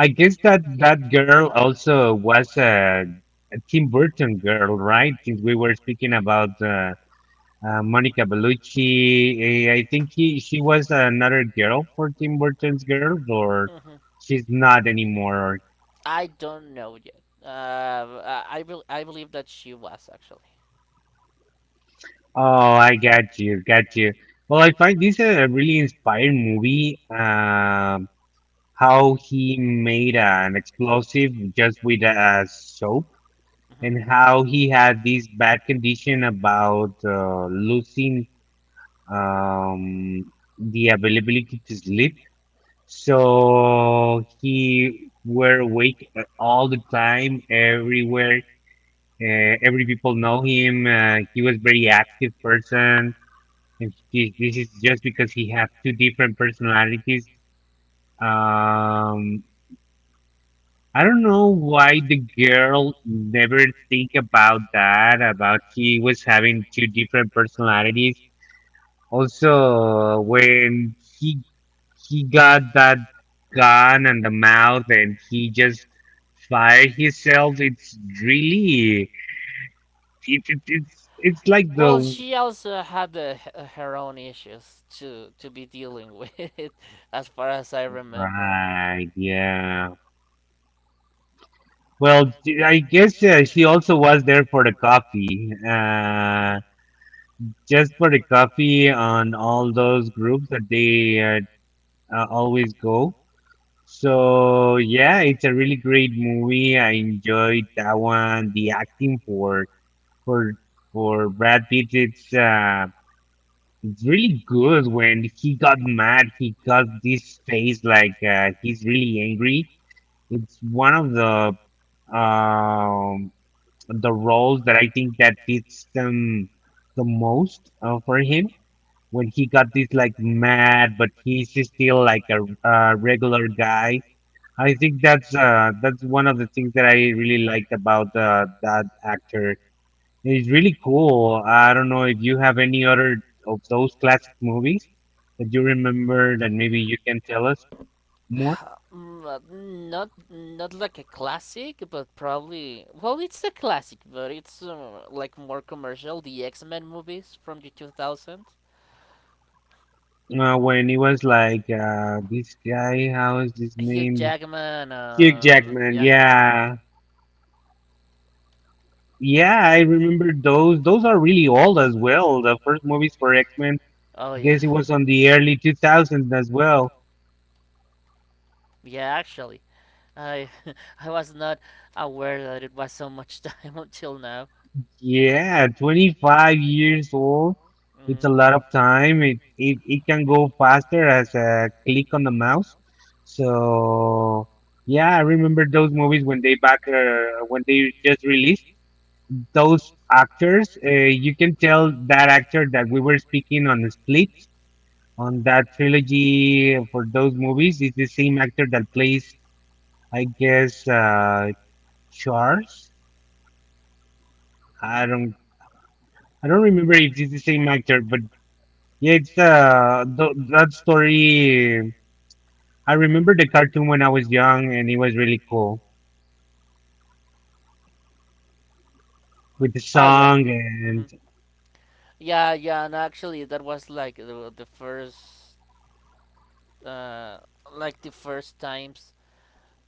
I guess that that girl also was a Tim Burton girl, right? Since we were speaking about Monica Bellucci, eh, I think he she was another girl for Tim Burton's girls, or Mhm. she's not anymore. I don't know yet. I believe that she was actually. Oh, I got you, got you. Well, I find this a really inspiring movie. How he made an explosive just with a soap and Hmm. how he had these bad condition about losing um, the availability to sleep. So he were awake all the time, everywhere. Every people know him. He was very active person, and he, this is just because he have two different personalities. Um, I don't know why the girl never think about that, about he was having two different personalities. Also, when he got that gun and the mouth and he just fired himself, it's really it's like Well, the she also had her own issues to be dealing with, as far as I remember. right, yeah. Well, I guess she also was there for the coffee. Hmm. Just for the coffee on all those groups that they always go. So yeah, it's a really great movie. I enjoyed that one. The acting for for for Brad Pitt, it's really good. When he got mad, he got this face like he's really angry. It's one of um the roles that I think that fits them the most for him when he got this like mad, but he's still like a regular guy. I think that's one of the things that I really liked about that actor. He's really cool. I don't know if you have any other of those classic movies that you remember that maybe you can tell us more. Not like a classic, but probably well, it's a classic, but it's like more commercial. The X Men movies from the 2000s. When he was like this guy, how is his Hugh name? Jackman. Hugh Jackman. Yeah. Yeah, yeah, I remember those. Those are really old as well. The first movies for X Men, Oh yeah. guess it was on the early 2000s as well. Yeah, actually, I I was not aware that it was so much time until now. Yeah, 25 years old. It's a Mm-hmm. lot of time. It can go faster as a click on the mouse. So, yeah, I remember those movies when they back when they just released those actors. You can tell that actor that we were speaking on Split on that trilogy for those movies is the same actor that plays, I guess, Charles. I Mm-hmm. don't I don't remember if it's the same actor, but yeah, it's th that story. I remember the cartoon when I was young, and it was really cool with the Oh yeah. song and Mhm. Yeah, yeah, and actually that was like uh the first times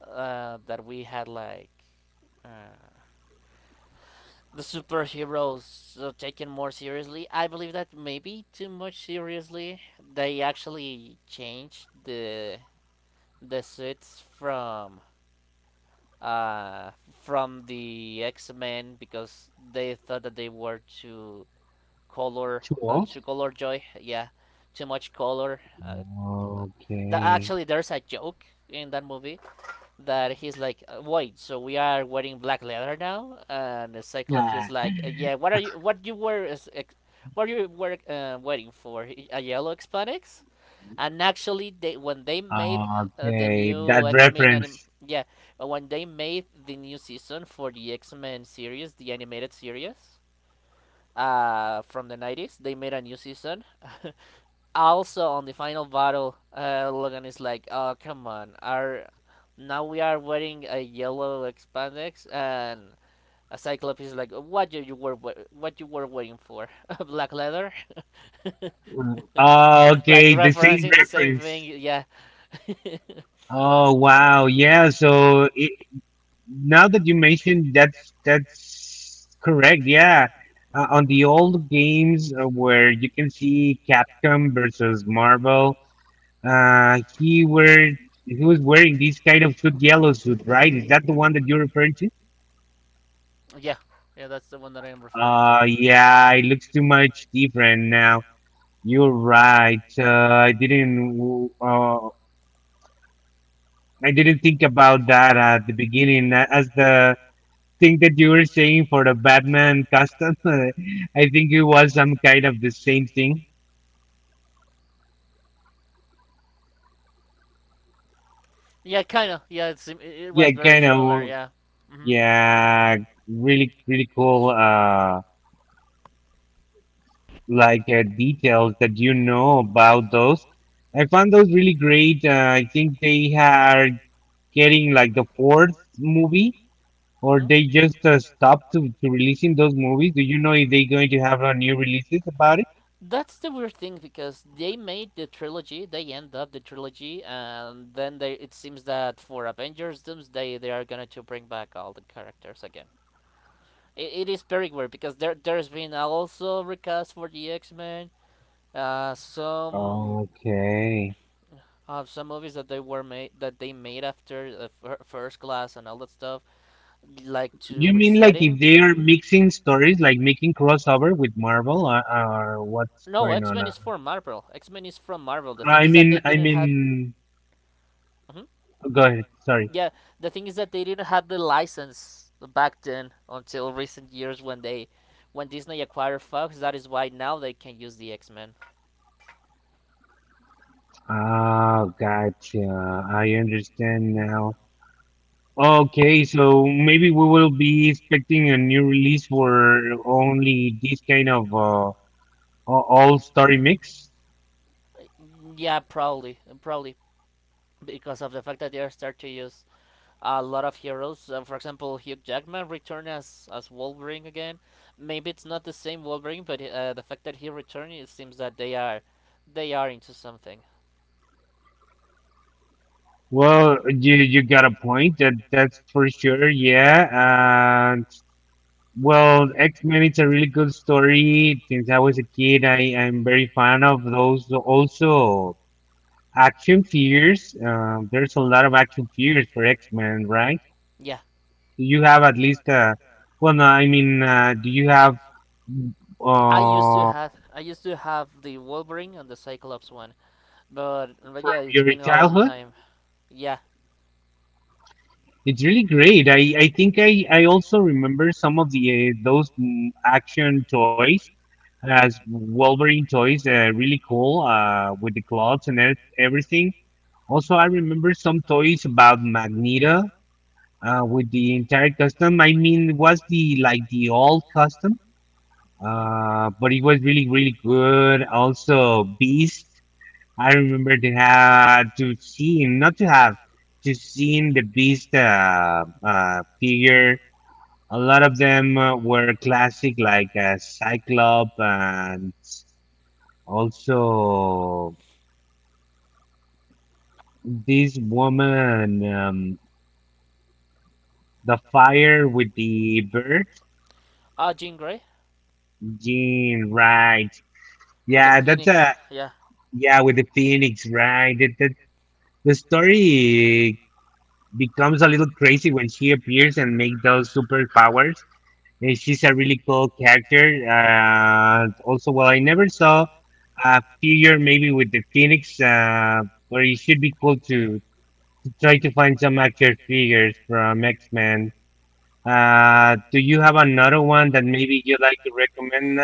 that we had like uh the superheroes taken more seriously. I believe that maybe too much seriously. They actually changed the suits from the X Men because they thought that they were color too uh, old. too color joy. Yeah, too much color. Okay, Actually, there's a joke in that movie that he's like, Wait, so we are wearing black leather now?" And the Cyclops yeah, is like, Yeah, what are you, what you were, is what you were waiting for? A yellow Hispanics?" And actually, they when they made the okay, that new X Men anim, reference. yeah, when they made the new season for the X Men series, the animated series, from the 90s, they made a new season. Also on the final battle, Logan is like, "Oh come on, our now we are wearing a yellow spandex," and a Cyclops is like, "What you were waiting for? Black leather?" Oh, Like okay, the same referencing the same thing. reference. Yeah, Oh wow, yeah. Now that you mentioned, that's correct. Yeah, on the old games where you can see Capcom versus Marvel, uh, he were he was wearing this kind of suit, yellow suit, right? Is that the one that you're referring to? yeah, yeah. That's the one that I am referring to. Yeah, it looks too much different now. You're right. I didn't think about that at the beginning as the thing that you were saying for the Batman costume? I think it was some kind of the same thing. Yeah, kind of. Yeah, it Yeah, was very kind similar. of. Yeah. Hmm. Yeah, really, really cool. Like details that you know about those. I found those really great. I think they are getting like the fourth movie, or Hmm. they just stopped to releasing those movies. Do you know if they're going to have a new releases about it? That's the weird thing because they made the trilogy, they end up the trilogy, and then they it seems that for Avengers Doomsday they are gonna to bring back all the characters again. It is very weird because there's been also recast for the X Men, uh, some Okay. some movies that they made after the first class and all that stuff, like to You mean like if resetting. they are mixing stories, like making crossover with Marvel, or what's No, going X on, Men uh? is for Marvel. X Men is from Marvel. The thing I is that mean, they I didn't have, mean, Mhm. go ahead. Sorry. Yeah, the thing is that they didn't have the license back then until recent years when Disney acquired Fox. That is why now they can use the X Men. Oh, gotcha. Hmm. I understand now. Okay, so maybe we will be expecting a new release for only this kind of all story mix. Yeah, probably, because of the fact that they are start to use a lot of heroes. For example, Hugh Jackman returned as Wolverine again. Maybe it's not the same Wolverine, but the fact that he returned, it seems that they are into something. Well, you got a point. That that's for sure. Yeah. Well, X-Men, it's a really good story. Since I was a kid, I am very fan of those. Also, action figures. There's a lot of action figures for X-Men, right? Yeah, Do you have at least, well, no, I mean, do you have I used to uh, have I used to have the Wolverine and the Cyclops one, but from yeah, it's your been a long childhood? time. Yeah. It's really great. I think I also remember some of the those action toys as Wolverine toys, really cool with the clothes and everything. Also, I remember some toys about Magneto with the entire custom. I mean, it was the like the old custom, Hmm. But it was really really good. Also, Beast. I remember to have to see him, not to have to see him, the Beast figure. A lot of them were classic, like Cyclops and also this woman, the fire with the bird. Ah, Jean Grey Jean, right. with the Yeah, that's Phoenix. a Yeah. yeah with the Phoenix, right? That, that the story becomes a little crazy when she appears and make those superpowers. And she's a really cool character. Also, well, I never saw a figure maybe with the Phoenix, but it should be cool to try to find some action figures from X Men. Do you have another one that maybe you like to recommend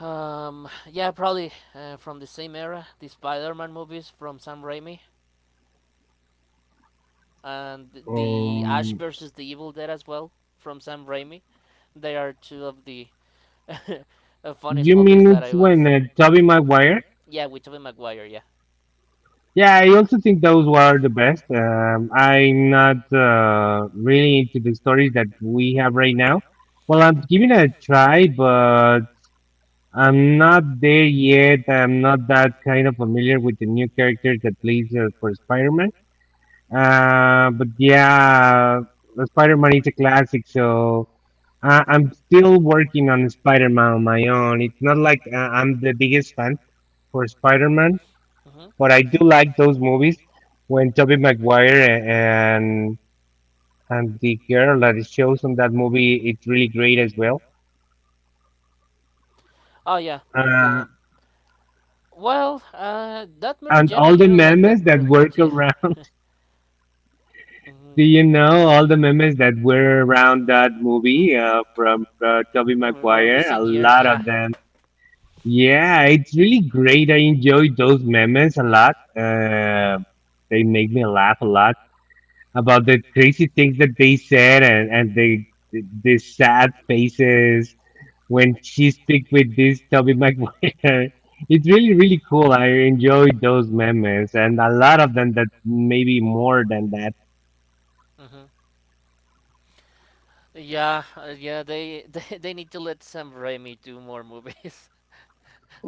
Yeah, probably from the same era, the Spider-Man movies from Sam Raimi, and the Ash now? versus the Evil Dead as well from Sam Raimi. They are two of the funniest You mean movies that I it's when was. Toby Maguire? Yeah, with Tobey Maguire. Yeah. Yeah, I also think those were the best. I'm not really into the stories that we have right now. Well, I'm giving it a try, but I'm not there yet. I'm not that kind of familiar with the new characters that plays for Spider-Man. But yeah, Spider-Man is a classic, so I'm still working on Spider-Man on my own. It's not like I'm the biggest fan for Spider-Man. Hmm. But I do like those movies when Tobey Maguire and the girl that it shows on that movie, it's really great as well. Oh yeah, Uh, yeah. Well, that Mary and Jane all I the didn't like memes that that very work much. Yeah. around. Do Mhm. you know all the memes that were around that movie from Tobey On Maguire? A recent years, lot of yeah. them. Yeah, it's really great. I enjoy those memes a lot. They make me laugh a lot about the crazy things that they said and the the sad faces when she speak with this Toby Maguire. It's really really cool. I enjoyed those memes and a lot of them that maybe more than that. Hmm. Yeah, yeah. They need to let Sam Raimi do more movies,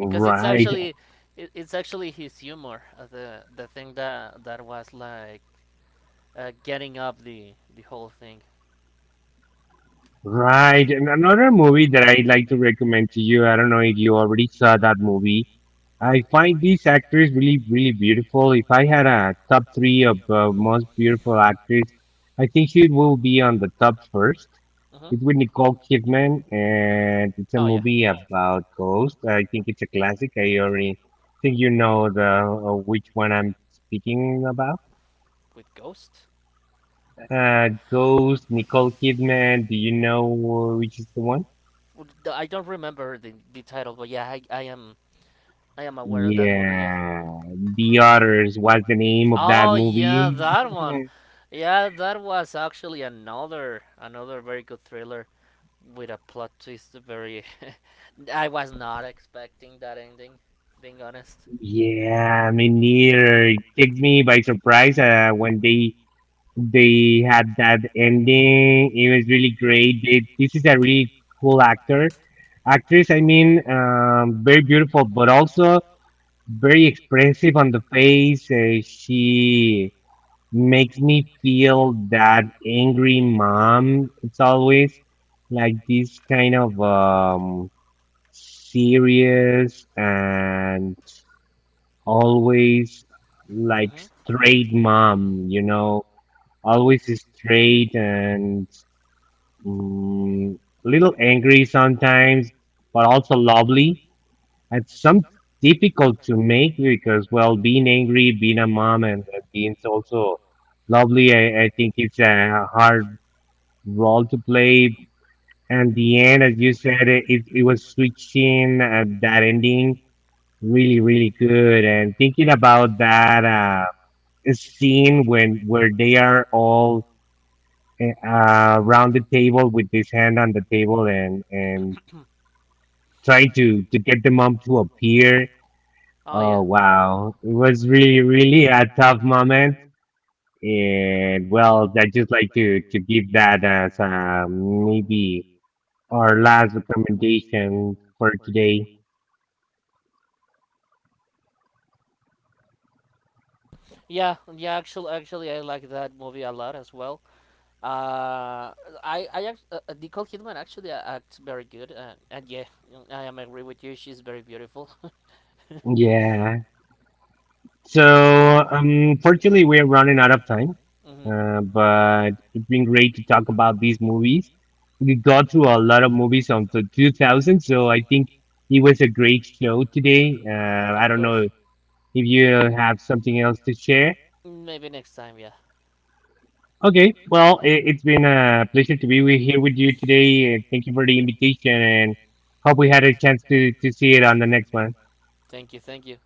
because it's actually it, it's actually his humor, the thing that was like, getting up the whole thing. right. And another movie that I'd like to recommend to you. I don't know if you already saw that movie. I find these actors really, really beautiful. If I had a top three of most beautiful actors, I think she will be on the top first. It's Hmm. with Nicole Kidman, and it's a Oh yeah, movie about ghosts. I think it's a classic. I already think you know the which one I'm speaking about. with ghost. Ghost, Nicole Kidman. Do you know which is the one? I don't remember the title, but yeah, I am aware of that movie, yeah. Yeah, The Otters was the name of that Oh yeah, movie. that one. Yeah, that was actually another very good thriller with a plot twist. I was not expecting that ending. Being honest. Yeah, me neither. It took me by surprise when they had that ending. It was really great. They, this is a really cool actor, actress. I mean, very beautiful, but also very expressive on the face. She makes me feel that angry mom. It's always like this kind of serious and always like Hmm. straight mom, you know, always straight and mm, little angry sometimes, but also lovely. It's some difficult to make because, well, being angry, being a mom, and being also lovely, I think it's a hard role to play. And the end, as you said, it was switching at that ending really, really good. And thinking about that, scene when where they are all around the table with his hand on the table and trying to get the mom to appear. Oh yeah, Oh wow, it was really really a tough moment. And well, I just like to give that as maybe our last recommendation for today. yeah, yeah. Actually, I like that movie a lot as well. Uh, Nicole Kidman actually acts very good, and yeah, I am agree with you. She's very beautiful. Yeah. So, unfortunately, we are running out of time, Hmm. But it's been great to talk about these movies. We got through a lot of movies on the 2000, so I think it was You. a great show today. I Of don't know course. if you have something else to share. Don't know. Maybe next time. Yeah. Okay, well, it, it's been a pleasure to be with, here with you today, and thank you for the invitation, and hope we had a chance to see it on the next one. Thank you. Thank you.